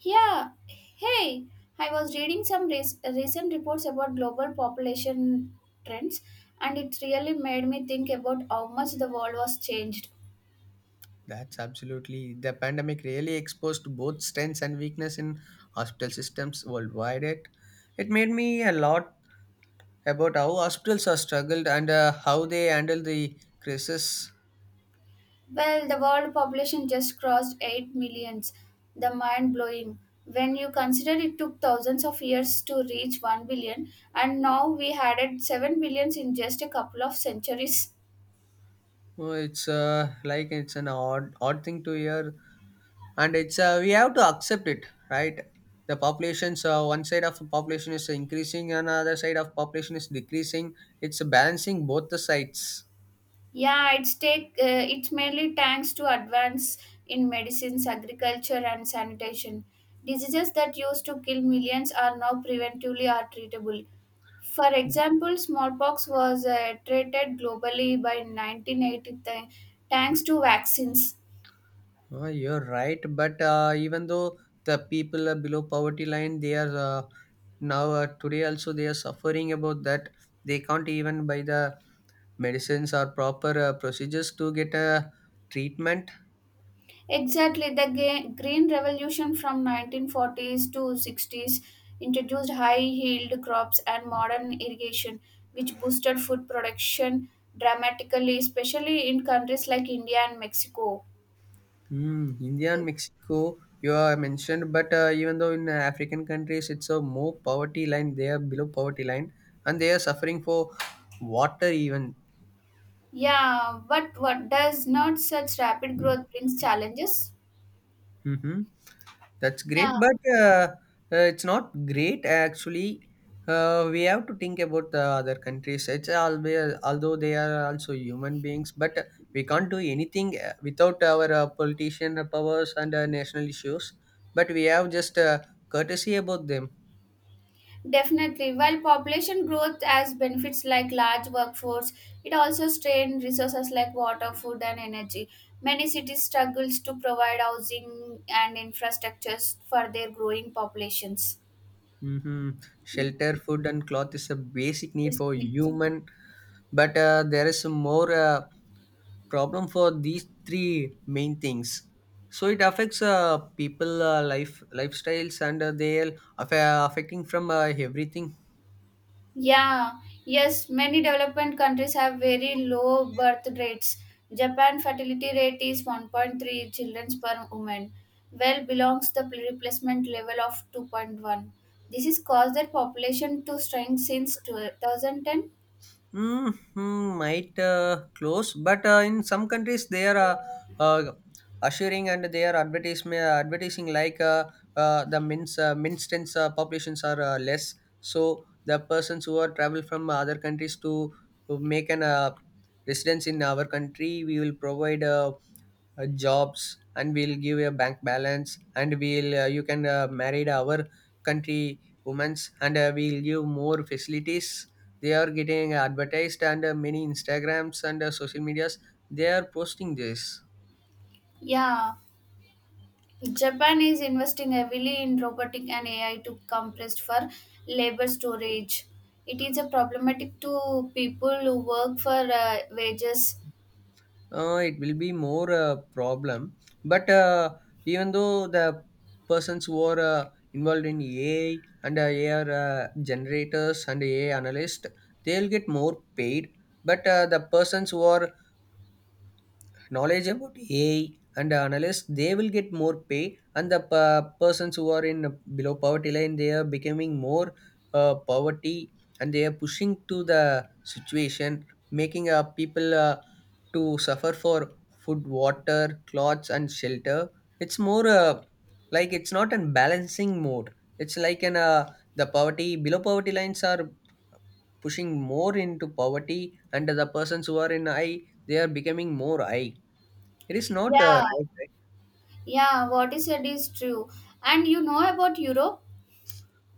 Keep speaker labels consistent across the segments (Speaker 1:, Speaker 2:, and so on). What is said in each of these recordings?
Speaker 1: Yeah, hey, I was reading recent reports about global population trends, and it really made me think about how much the world was changed.
Speaker 2: That's absolutely. The pandemic really exposed both strengths and weakness in hospital systems worldwide. It made me a lot about how hospitals are struggled and how they handle the crisis.
Speaker 1: Well, the world population just crossed 8 millions, the mind blowing. When you consider it took thousands of years to reach 1 billion, and now we added 7 billions in just a couple of centuries.
Speaker 2: Oh, it's like it's an odd thing to hear, and it's we have to accept it, right? The populations, one side of the population is increasing, another side of population is decreasing. It's balancing both the sides.
Speaker 1: Yeah, it's mainly thanks to advance in medicines, agriculture, and sanitation. Diseases that used to kill millions are now preventively are treatable. For example, smallpox was treated globally by 1980 thanks to vaccines.
Speaker 2: Oh, you're right, but even though the people are below poverty line, they are, now, today also they are suffering about that. They can't even buy the medicines or proper procedures to get a treatment.
Speaker 1: Exactly, the Green Revolution from 1940s to 60s introduced high-yield crops and modern irrigation, which boosted food production dramatically, especially in countries like India and Mexico.
Speaker 2: Mm, India and Mexico, you are mentioned, but even though in African countries it's a more poverty line, they are below poverty line, and they are suffering for water even.
Speaker 1: Yeah, but what does not such rapid growth brings challenges?
Speaker 2: Mm-hmm. That's
Speaker 1: Yeah.
Speaker 2: great, but it's not great actually. We have to think about the other countries. It's always, although they are also human beings, but we can't do anything without our politician powers and national issues. But we have just courtesy about them.
Speaker 1: Definitely. While population growth has benefits like large workforce, it also strains resources like water, food, and energy. Many cities struggles to provide housing and infrastructures for their growing populations.
Speaker 2: hmm
Speaker 1: Mm.
Speaker 2: Shelter, food, and cloth is a basic need
Speaker 1: Basic
Speaker 2: for
Speaker 1: needs.
Speaker 2: human, but there is some more problem for these three main things. So it affects people lifestyles and they are affecting from everything.
Speaker 1: Yeah, yes, many developed countries have very low birth rates. Japan fertility rate is 1.3 children per woman, well belongs the replacement level of 2.1. This has caused their population to shrink since 2010.
Speaker 2: Mm-hmm, might close, but in some countries they are uh, assuring and they are advertisement advertising, like the minstance populations are less. So the persons who are travel from other countries to make an residence in our country, we will provide jobs and we'll give a bank balance and we'll you can marry our country women's and we'll give more facilities. They are getting advertised and many instagrams and social medias they are posting this.
Speaker 1: Yeah, Japan is investing heavily in robotic and AI to compress for labor storage. It is a problematic to people who work for wages.
Speaker 2: It will be more problem, but even though the persons who are involved in AI and AI generators and AI analyst, they'll get more paid. But the persons who are knowledge about AI and analysts, they will get more pay, and the persons who are in below poverty line, they are becoming more poverty, and they are pushing to the situation, making people to suffer for food, water, clothes, and shelter. It's more, like it's not an balancing mode. It's like an the poverty below poverty lines are pushing more into poverty, and the persons who are in high, they are becoming more high. It is not
Speaker 1: Yeah.
Speaker 2: right, right?
Speaker 1: Yeah, what is said is true. And you know about Europe?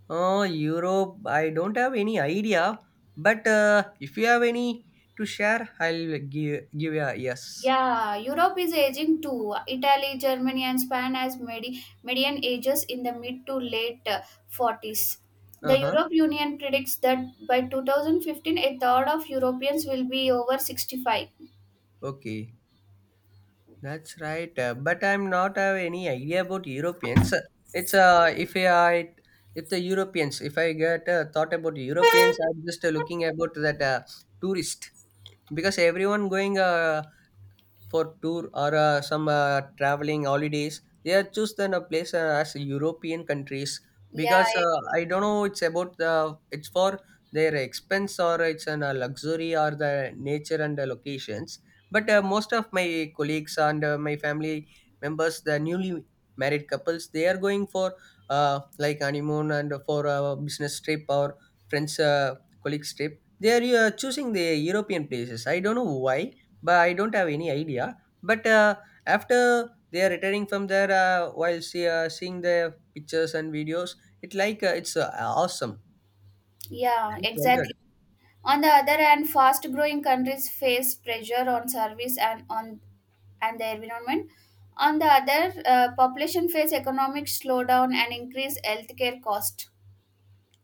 Speaker 2: Europe, I don't have any idea, but if you have any to share, I'll give a yes.
Speaker 1: Yeah, Europe is aging too. Italy, Germany, and Spain as median ages in the mid to late 40s. The
Speaker 2: Uh huh.
Speaker 1: Europe Union predicts that by 2015, a third of Europeans will be over 65.
Speaker 2: Okay, that's right. But I'm not have any idea about Europeans. It's if I if the Europeans, if I get thought about Europeans, I'm just looking about that tourist, because everyone going for tour or some traveling holidays they have chosen a place as European countries,
Speaker 1: Yeah,
Speaker 2: because
Speaker 1: e-
Speaker 2: I don't know it's about the it's for their expense or it's an luxury or the nature and the locations. But most of my colleagues and my family members, the newly married couples, they are going for like honeymoon and for a business trip or friends colleagues trip, they are choosing the European places. I don't know why, but I don't have any idea. But after they are returning from there, while seeing their pictures and videos, it like it's awesome. I
Speaker 1: yeah,
Speaker 2: just wondered.
Speaker 1: exactly. On the other hand, fast growing countries face pressure on service and on and the environment. On the other, population face economic slowdown and increased healthcare cost.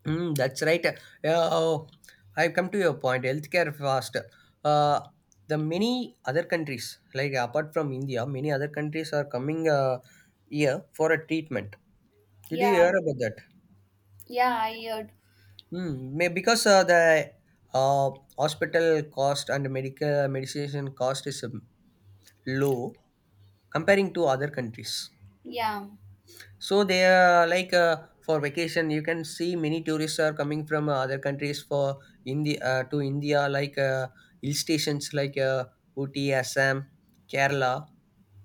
Speaker 2: Mm, that's right. Oh, I've come to your point. Healthcare fast. Uh, the many other countries, like apart from India, many other countries are coming here for a treatment. Did you hear
Speaker 1: Yeah,
Speaker 2: about that?
Speaker 1: yeah, I heard.
Speaker 2: Hmm. Because the uh, hospital cost and medical medication cost is low comparing to other countries.
Speaker 1: Yeah,
Speaker 2: So they are like, for vacation, you can see many tourists are coming from other countries for India to India, like hill stations like Ooty, Assam, Kerala.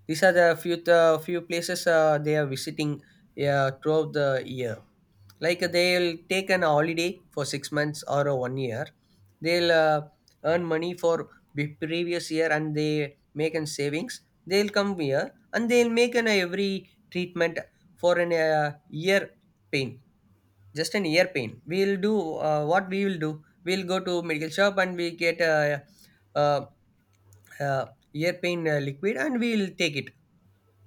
Speaker 2: These are the few places they are visiting throughout the year, like they'll take an holiday for 6 months or one year. They'll earn money for the previous year and they make an savings. They'll come here and they'll make an every treatment for an year pain. Just an ear pain, we'll do what we will do, we'll go to medical shop and we get a, uh uh uh, ear pain liquid and we'll take it.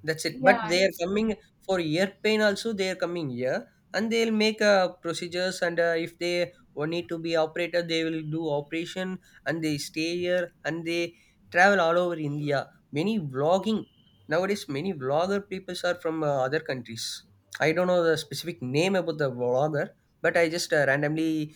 Speaker 2: That's it. But
Speaker 1: yeah,
Speaker 2: they are
Speaker 1: it's true.
Speaker 2: coming for ear pain also. They are coming here and they'll make procedures. And if they want need to be operated, they will do operation, and they stay here and they travel all over India. Many vlogging nowadays, many vlogger people are from other countries. I don't know the specific name about the vlogger, but I just randomly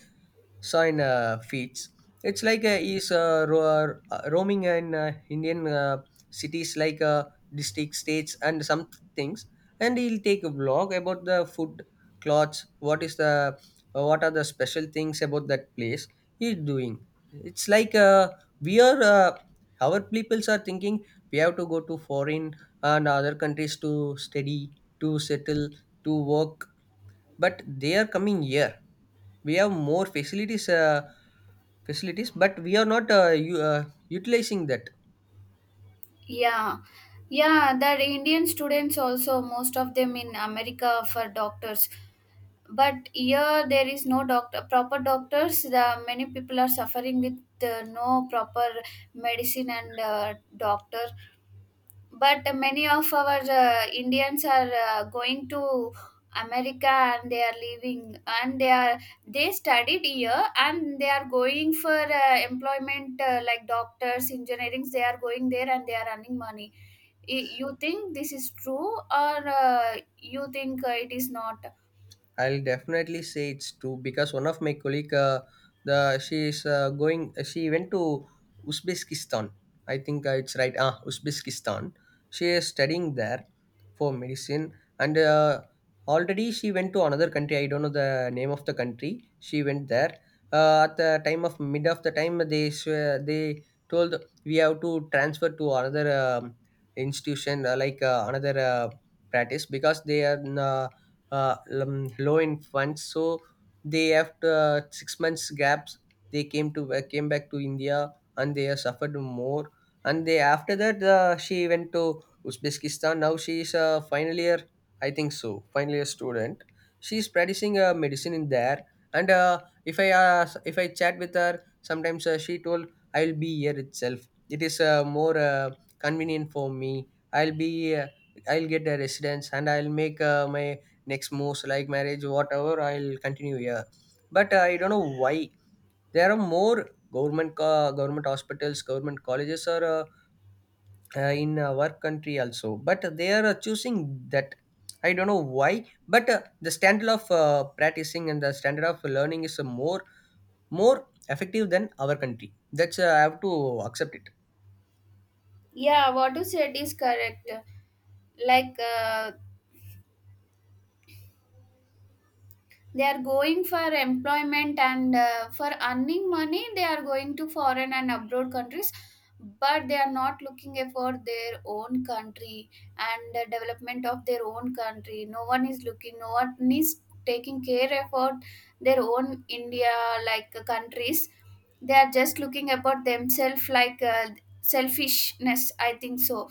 Speaker 2: sign feeds. It's like is roaming in Indian cities like district, states, and some things, and he'll take a vlog about the food, clothes, what are the special things about that place he's doing. It's like we are our peoples are thinking we have to go to foreign and other countries to study, to settle, to work, but they are coming here. We have more facilities, but we are not utilizing that.
Speaker 1: Yeah, yeah. The Indian students also, most of them in America for doctors. But here there is no doctor proper doctors the many people are suffering with no proper medicine and doctor, but many of our indians are going to america, and they are leaving and they are they studied here and they are going for employment like doctors engineerings they are going there and they are earning money. You think this is true or you think it is not?
Speaker 2: I'll definitely say it's true, because one of my colleague, the she is going. She went to Uzbekistan. I think it's right. Ah, Uzbekistan. She is studying there for medicine, and already she went to another country. I don't know the name of the country. She went there at the time of mid of the time. They told we have to transfer to another institution, like another practice because they are. Uh, Low in funds, so they after 6 months gaps they came to came back to India, and they have suffered more. And they, after that, she went to Uzbekistan. Now she is a final year, I think so, final year student. She is practicing medicine in there. And if I chat with her sometimes, she told I'll be here itself. It is more convenient for me. i'll be uh, I'll get a residence and I'll make my next moves, like marriage, whatever. I'll continue here. But I don't know why there are more government hospitals, government colleges are in our country also. But they are choosing that. I don't know why. But the standard of practicing and the standard of learning is more effective than our country. That's I have to accept it.
Speaker 1: Yeah, what you said is correct. Like they are going for employment and for earning money, they are going to foreign and abroad countries, but they are not looking for their own country and the development of their own country. No one is looking. No one is taking care about their own India like countries. They are just looking about themselves like selfishness. I think so.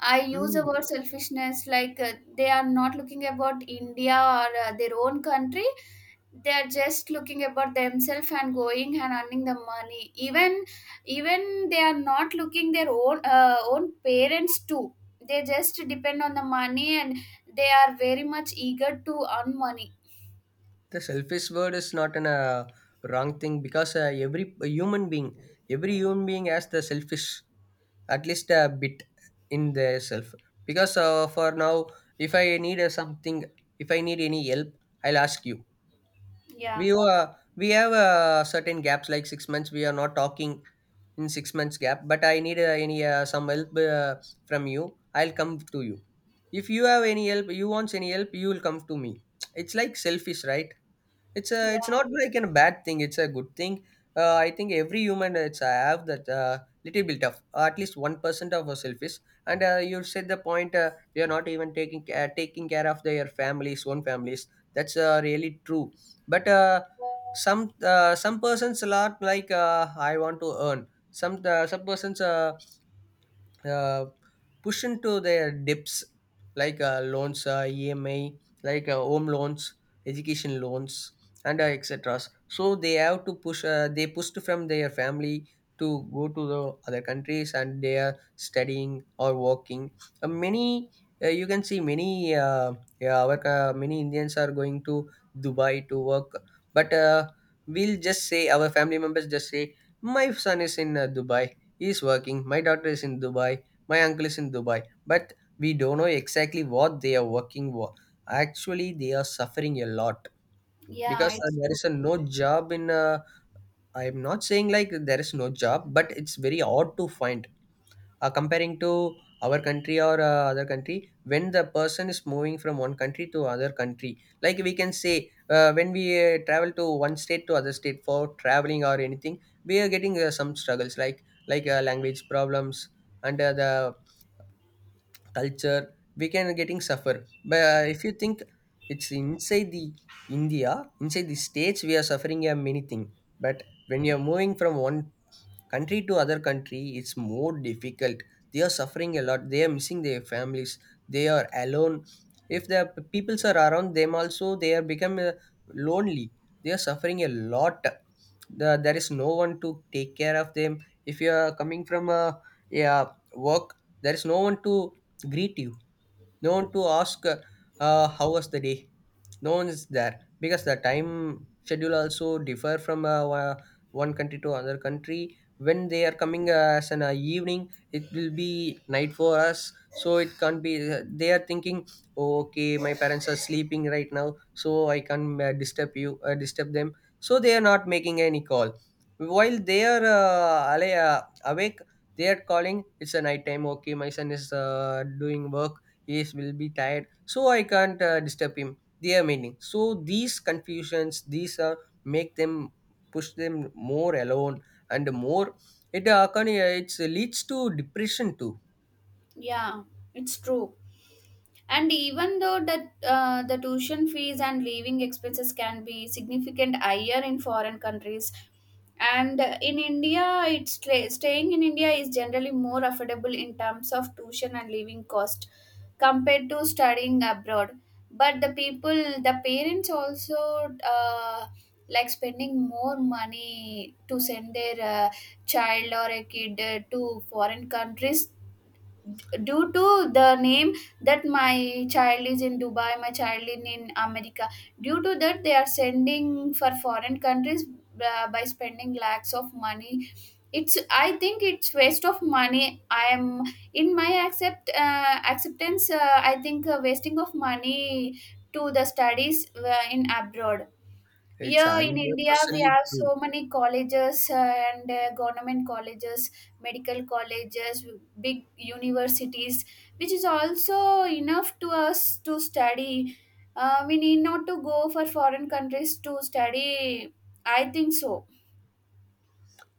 Speaker 1: I use the
Speaker 2: Mm.
Speaker 1: word selfishness like they are not looking about India or their own country. They are just looking about themselves and going and earning the money. Even they are not looking their own own parents too. They just depend on the money and they are very much eager to earn money.
Speaker 2: The selfish word is not an wrong thing, because every human being has the selfish, at least a bit in their self. Because for now, if I need something, if I need any help, I'll ask you.
Speaker 1: Yeah,
Speaker 2: We have certain gaps like 6 months. We are not talking in 6 months gap, but I need any some help from you. I'll come to you. If you have any help, you want any help, you will come to me. It's like selfish, right? it's a
Speaker 1: yeah,
Speaker 2: it's not like a bad thing, it's a good thing. I think every human it's have that little bit of, at least 1% of us selfish, and you said the point we are not even taking care of their families own families. That's really true. But some some persons a lot, like I want to earn some, some persons uh, push into their dips, like loans, EMI, like home loans, education loans, and etc. So they have to push they pushed from their family to go to the other countries, and they are studying or working. Many You can see many yeah, our many Indians are going to Dubai to work. But we'll just say our family members just say my son is in Dubai. He's working. My daughter is in Dubai. My uncle is in Dubai. But we don't know exactly what they are working for. Actually, they are suffering a lot because
Speaker 1: yeah. It's
Speaker 2: there
Speaker 1: true.
Speaker 2: is a no job in. I am not saying like there is no job, but it's very hard to find, comparing to our country or other country, when the person is moving from one country to other country. Like we can say, when we travel to one state to other state for traveling or anything, we are getting some struggles, like language problems, and the culture we can getting suffer. But if you think, it's inside the India, inside the states, we are suffering a many thing. But when you're moving from one country to other country, it's more difficult. They are suffering a lot. They are missing their families. They are alone. If the peoples are around them also, they are become lonely. They are suffering a lot. There is no one to take care of them. If you are coming from a, yeah, work, there is no one to greet you. No one to ask, how was the day. No one is there. Because the time schedule also differ from one country to another country. When they are coming, as an evening, it will be night for us. So it can't be, they are thinking, "Oh, okay, my parents are sleeping right now, so I can't disturb them. So they are not making any call while they are awake. They are calling, it's a night time. Okay, my son is doing work. Will be tired, so I can't disturb him," they are meaning. So these confusions, these are make them, push them more alone and more. It's leads to depression too.
Speaker 1: Yeah, it's true. And even though that the tuition fees and living expenses can be significant higher in foreign countries, and in india it's stay- staying in india is generally more affordable in terms of tuition and living cost compared to studying abroad, but the people the parents also uh, like spending more money to send their child or a kid to foreign countries due to the name that my child is in dubai my child is in america due to that they are sending for foreign countries by spending lakhs of money. It's I think it's waste of money. I am in my accept uh, acceptance I think wasting of money to the studies in abroad.
Speaker 2: It's
Speaker 1: Yeah, in India, we
Speaker 2: 100%
Speaker 1: have
Speaker 2: true.
Speaker 1: so many colleges and government colleges, medical colleges, big universities, which is also enough to us to study. We need not to go for foreign countries to study. I think so.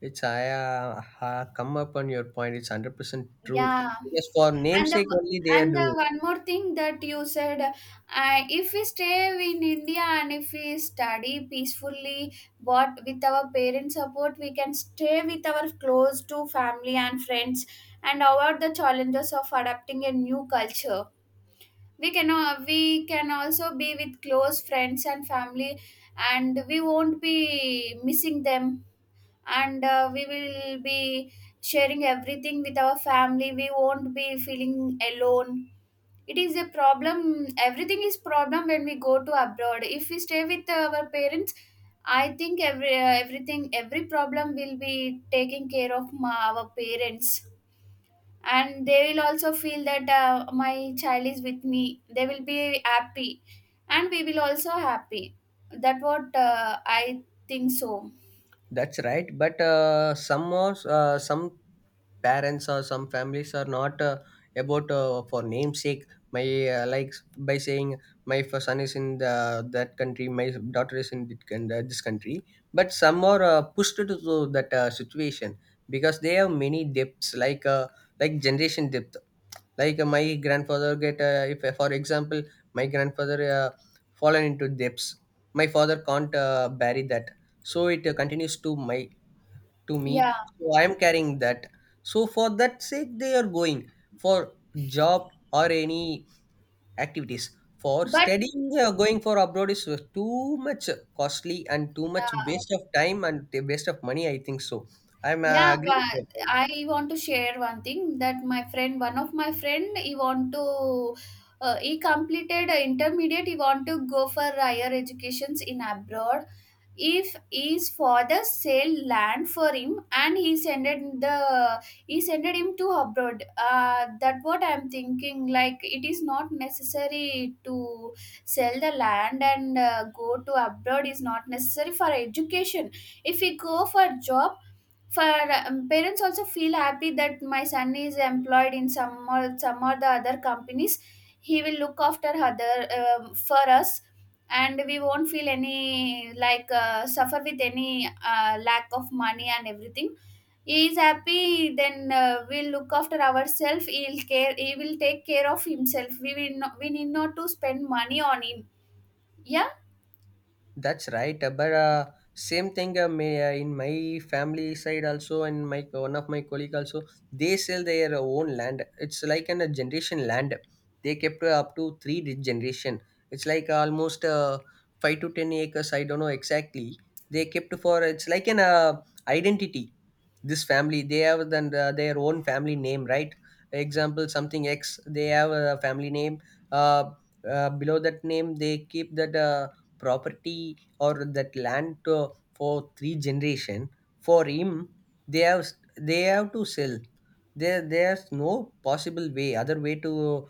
Speaker 2: It's I come up on your point, it's 100% true,
Speaker 1: Yeah.
Speaker 2: because for
Speaker 1: and the
Speaker 2: namesake only they are
Speaker 1: and the
Speaker 2: doing.
Speaker 1: one more thing that you said if we stay in india and if we study peacefully but with our parents support we can stay with our close to family and friends and avoid the challenges of adapting a new culture. We can also be with close friends and family and we won't be missing them, and we will be sharing everything with our family. We won't be feeling alone. It is a problem, everything is problem when we go to abroad. If we stay with our parents I think everything every problem will be taken care of our parents, and they will also feel that my child is with me, they will be happy and we will also happy, that what I think so.
Speaker 2: That's right, but some parents or some families are not about, for namesake. My Like, by saying, "My son is in that country. My daughter is in this country." But some are pushed to that situation, because they have many depths, like generation depth. Like, my grandfather get, if for example, my grandfather fallen into depths. My father can't bury that, so it continues to me.
Speaker 1: yeah
Speaker 2: So I am carrying that. So for that sake they are going, for job or any activities. For
Speaker 1: but
Speaker 2: studying, going for abroad is too much costly, and too much
Speaker 1: yeah
Speaker 2: waste of time, and the waste of money, I think so. I'm
Speaker 1: Yeah,
Speaker 2: agree with
Speaker 1: but
Speaker 2: you.
Speaker 1: I want to share one thing that my friend, one of my friend, he completed a intermediate. He want to go for higher educations in abroad. If his father sell land for him, and he sended him to abroad. That what I'm thinking. Like it is not necessary to sell the land and go to abroad is not necessary for education. If we go for job for parents also feel happy that my son is employed in some or the other companies, he will look after other for us, and we won't feel any like suffer with any lack of money and everything. He is happy then we'll look after ourselves. He'll care, he will take care of himself. We need not to spend money on him. yeah
Speaker 2: That's right. But same thing, in my family side also, and my one of my colleague also, they sell their own land. It's like a generation land. They kept, up to three generation. It's like almost, 5 to 10 acres. I don't know exactly. They kept for, it's like an identity. This family, they have, then their own family name, right? Example, something x, they have a family name. uh, Below that name they keep that property or that land, for three generation, for him. they have they have to sell. There's no possible way, other way to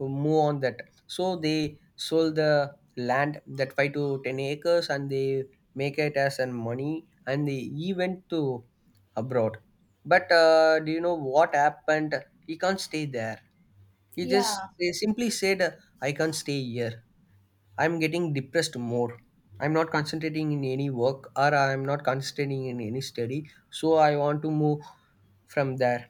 Speaker 2: move on that. So they sold the land, that 5 to 10 acres, and they make it as an money, and they he went to abroad. But do you know what happened? He can't stay there. He just
Speaker 1: yeah
Speaker 2: They simply said, "I can't stay here. I'm getting depressed more. I'm not concentrating in any work, or I'm not concentrating in any study. So I want to move from there."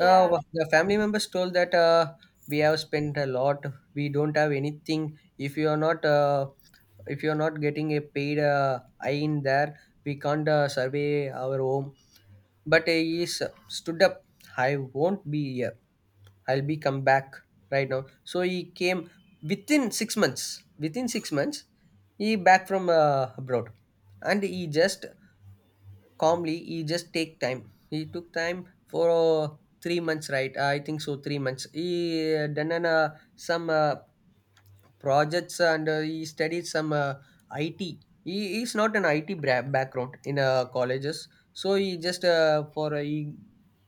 Speaker 2: The family members told that, "We have spent a lot. We don't have anything. If you are not getting a paid eye in there, we can't survey our home." But he is stood up. "I won't be here. I'll be come back right now." So he came within 6 months. Within 6 months, he back from abroad, and he just calmly, he took time for 3 months, right? I think so. 3 months he done some projects, and he studied some IT. He is not an IT background in colleges, so he just, for a he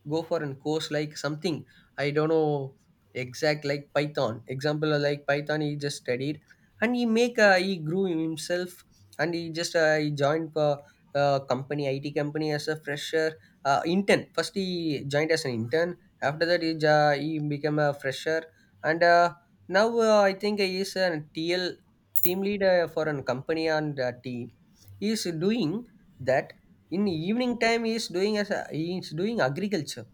Speaker 2: go for a course, like something. I don't know exact, like Python, example, like Python, he just studied, and he grew himself. And he joined, company IT company as a fresher. Intern first, he joined as an intern. After that, he became a fresher. And now, I think he is a tl team leader for a company, and team he is doing that. In evening time he is doing he is doing agriculture.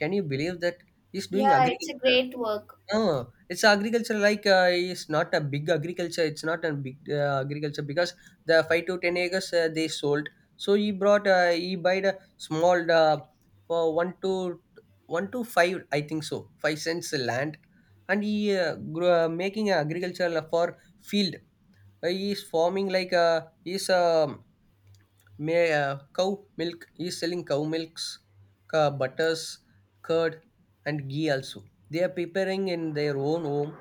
Speaker 2: Can you believe that? He is doing
Speaker 1: yeah it's a
Speaker 2: agriculture.
Speaker 1: great work.
Speaker 2: uh, it's agriculture, like, it's not a big agriculture. It's not a big agriculture, because the 5 to 10 acres, they sold. So he bought a small for one to one to five, I think so, 5 cents land, and he grew, making agriculture for field. He is farming, like, cow milk is selling, cow milks, butters, curd, and ghee also. They are preparing in their own home,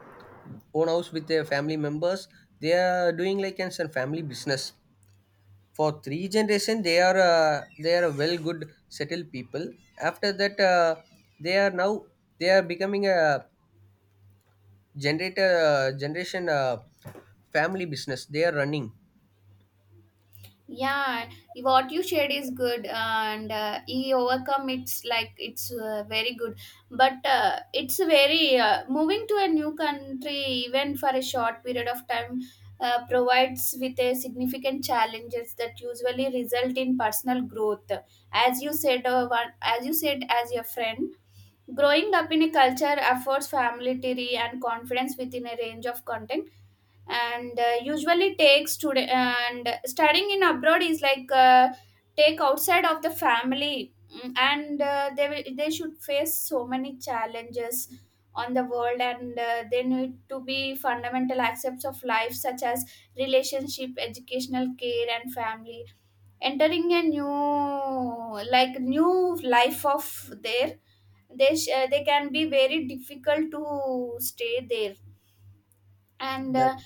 Speaker 2: own house, with their family members. They are doing like an some family business. For three generation, they are a well good settled people. After that, they are now, they are becoming a generator generation family business. They are running.
Speaker 1: Yeah, what you shared is good, and he overcome. It's like it's very good, but it's very moving to a new country even for a short period of time provides with a significant challenges that usually result in personal growth. As you said, as your friend, growing up in a culture affords familiarity and confidence within a range of content, and usually takes today and studying in abroad is like take outside of the family. Mm, and they should face so many challenges on the world, and they need to be fundamental aspects of life such as relationship educational care and family, entering a new like new life of there. They can be very difficult to stay there, and
Speaker 2: That,
Speaker 1: uh,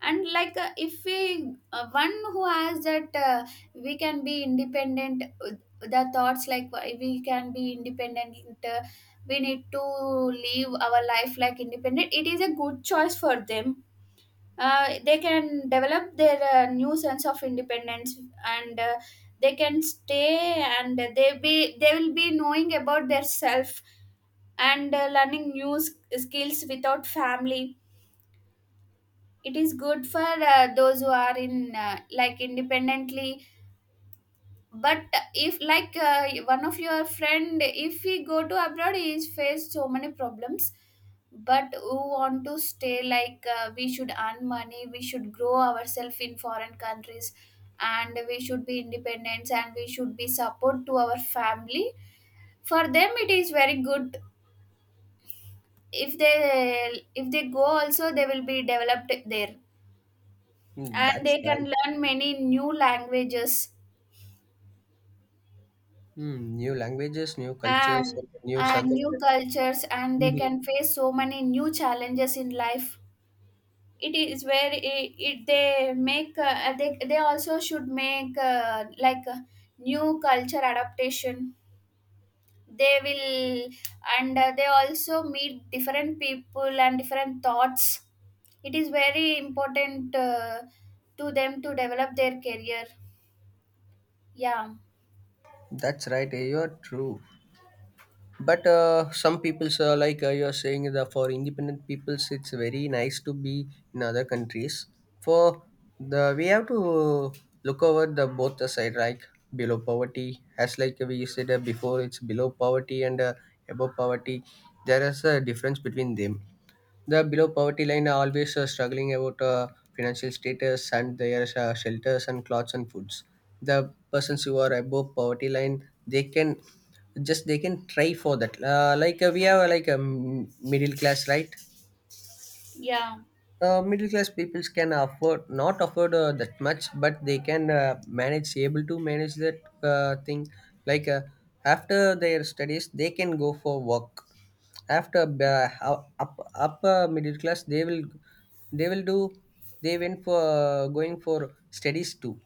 Speaker 1: and like if we one who has that we can be independent, the thoughts like we can be independent, uh, we need to live our life like independent. It is a good choice for them. Uh, they can develop their new sense of independence, and they can stay and they will be knowing about their self, and skills without family. It is good for those who are in like independently. But if like one of your friend, if he go to abroad, he is faced so many problems, but who want to stay like we should earn money, we should grow ourselves in foreign countries, and we should be independent, and we should be support to our family. For them it is very good. If they if they go also, they will be developed there,
Speaker 2: Mm,
Speaker 1: and
Speaker 2: that's
Speaker 1: they can
Speaker 2: right.
Speaker 1: learn many new languages,
Speaker 2: Hmm, new languages, new cultures,
Speaker 1: and
Speaker 2: and new
Speaker 1: and new
Speaker 2: circumstances.
Speaker 1: cultures, and they
Speaker 2: Mhm.
Speaker 1: can face so many new challenges in life. It is where It they make they also should make like new culture adaptation they will, and they also meet different people and different thoughts. It is very important to them to develop their career. yeah
Speaker 2: That's right. You're true. But some peoples, like, you're saying, that for independent peoples, it's very nice to be in other countries. For the we have to look over the both the side, like below poverty, as like we said, before, it's below poverty, and above poverty. There is a difference between them. The below poverty line are always struggling about financial status, and their shelters and clothes and foods. The persons who are above poverty line, they can, just they can try for that, like, we have, like a middle class, right?
Speaker 1: yeah
Speaker 2: Middle class peoples can afford, not afford that much, but they can manage, able to manage that thing. Like, after their studies, they can go for work. After upper middle class, they will do, they went for going for studies too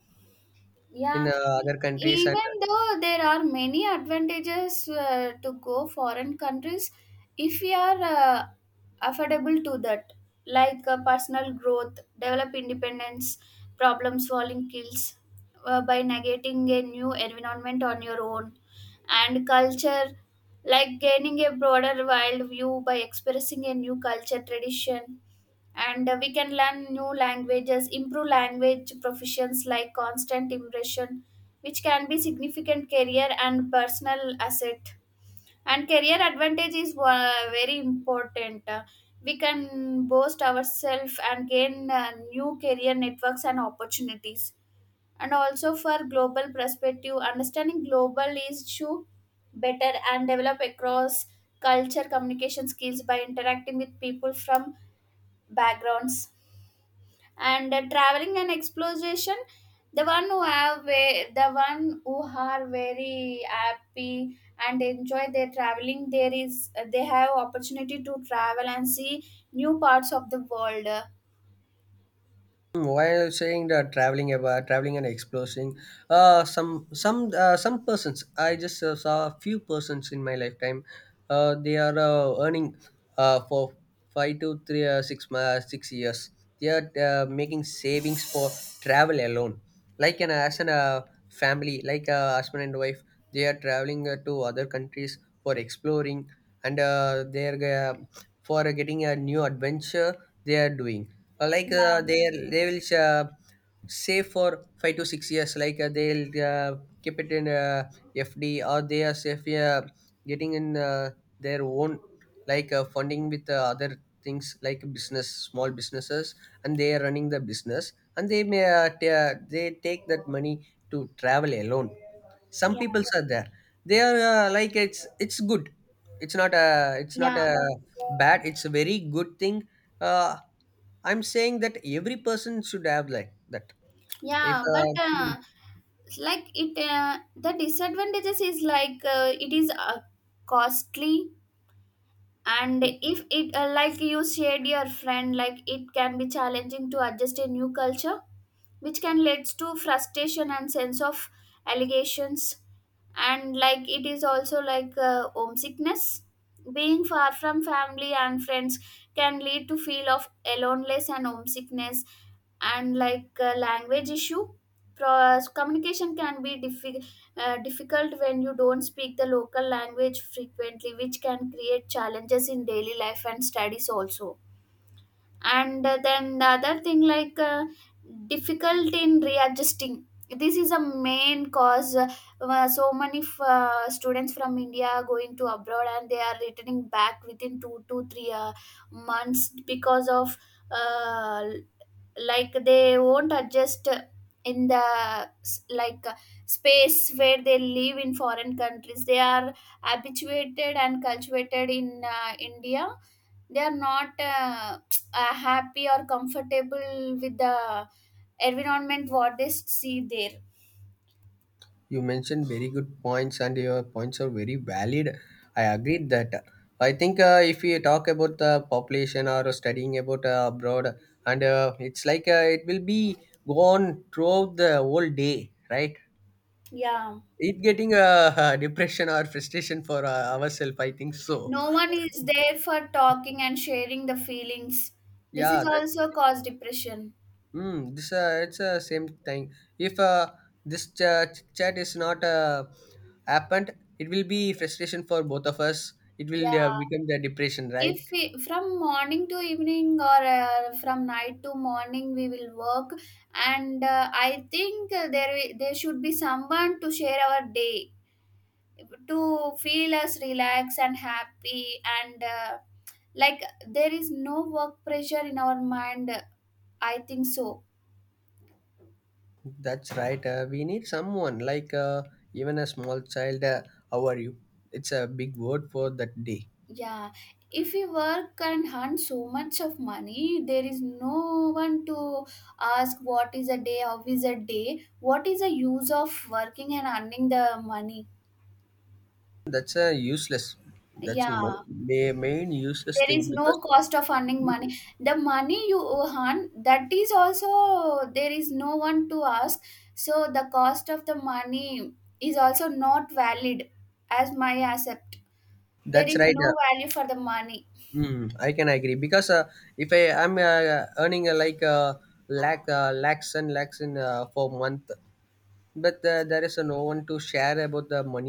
Speaker 2: in
Speaker 1: Yeah, e-
Speaker 2: other countries, and
Speaker 1: even though there are many advantages to go foreign countries, if we are affordable to that, like personal growth, develop independence, problem solving skills by navigating a new environment on your own, and culture, like gaining a broader world view by expressing a new culture tradition, and we can learn new languages improve language proficiency like constant immersion, which can be significant career and personal asset. And career advantage is very important. We can boast ourselves and gain new career networks and opportunities, and also for global perspective understanding global is to better and develop across culture communication skills by interacting with people from backgrounds, and traveling and exploration. The one who are very happy and enjoy their traveling, there is they have opportunity to travel and see new parts of the world.
Speaker 2: Mm, while saying that, traveling about traveling and exploring, uh, some some persons, I just saw a few persons in my lifetime. They are earning, for five to three six ma- 6 years. They are making savings for travel alone, like an as an family, like a husband and wife. They are traveling to other countries for exploring, and they are for getting a new adventure, they are doing. Like,
Speaker 1: Yeah
Speaker 2: they will save for 5 to 6 years, like, they'll keep it in FD, or they are safe, getting in their own, like, funding with other things, like business, small businesses. And they are running the business, and they take that money to travel alone. Some
Speaker 1: yeah
Speaker 2: people are there. They are like, it's good. it's not a it's not
Speaker 1: yeah
Speaker 2: a bad, it's a very good thing. uh, I'm saying that every person should have like that. If
Speaker 1: yeah but Like it the disadvantages is like it is costly, and if it like you shared your friend, like it can be challenging to adjust a new culture, which can lead to frustration and sense of allegations. And like it is also like homesickness, being far from family and friends can lead to feel of aloneness and homesickness. And like language issue. Communication can be difficult when you don't speak the local language frequently, which can create challenges in daily life and studies also. And then the other thing like difficult in readjusting. This is a main cause so many students from india going to abroad and they are returning back within two to three months because of uh, like they won't adjust in the like space where they live in foreign countries. They are habituated and cultivated in india. They are not happy or comfortable with the environment what they see there.
Speaker 2: you mentioned very good points, and your points are very valid. I agree that. I think if we talk about the population or studying about abroad, and it's like, it will be gone throughout the whole day, right?
Speaker 1: Yeah.
Speaker 2: It getting a depression or frustration for ourselves. I think so.
Speaker 1: No one is there for talking and sharing the feelings. This is
Speaker 2: Yeah, that
Speaker 1: also cause depression.
Speaker 2: Mm, this it's the same thing. If this chat is not happened, it will be frustration for both of us. It will
Speaker 1: Yeah.
Speaker 2: become the depression, right?
Speaker 1: If we, from morning to evening or from night to morning we will work, and I think there should be someone to share our day to feel us relaxed and happy, and like there is no work pressure in our mind, I think so.
Speaker 2: That's right. We need someone, like, even a small child. How are you? It's a big word for that day.
Speaker 1: Yeah, if we work and earn so much of money, there is no one to ask what is a day how is a day, what is the use of working and earning the money?
Speaker 2: That's a useless. That's
Speaker 1: Yeah,
Speaker 2: main useless
Speaker 1: there is
Speaker 2: thing,
Speaker 1: no
Speaker 2: because
Speaker 1: cost of earning money. The money you earn, that is also there is no one to ask, so the cost of the money is also not valid as my accept. There
Speaker 2: that's
Speaker 1: is
Speaker 2: right.
Speaker 1: no value for the money.
Speaker 2: Mm, I can agree because, if I am earning, like, lakhs and lakhs in, for month, but there is no one to share about the money.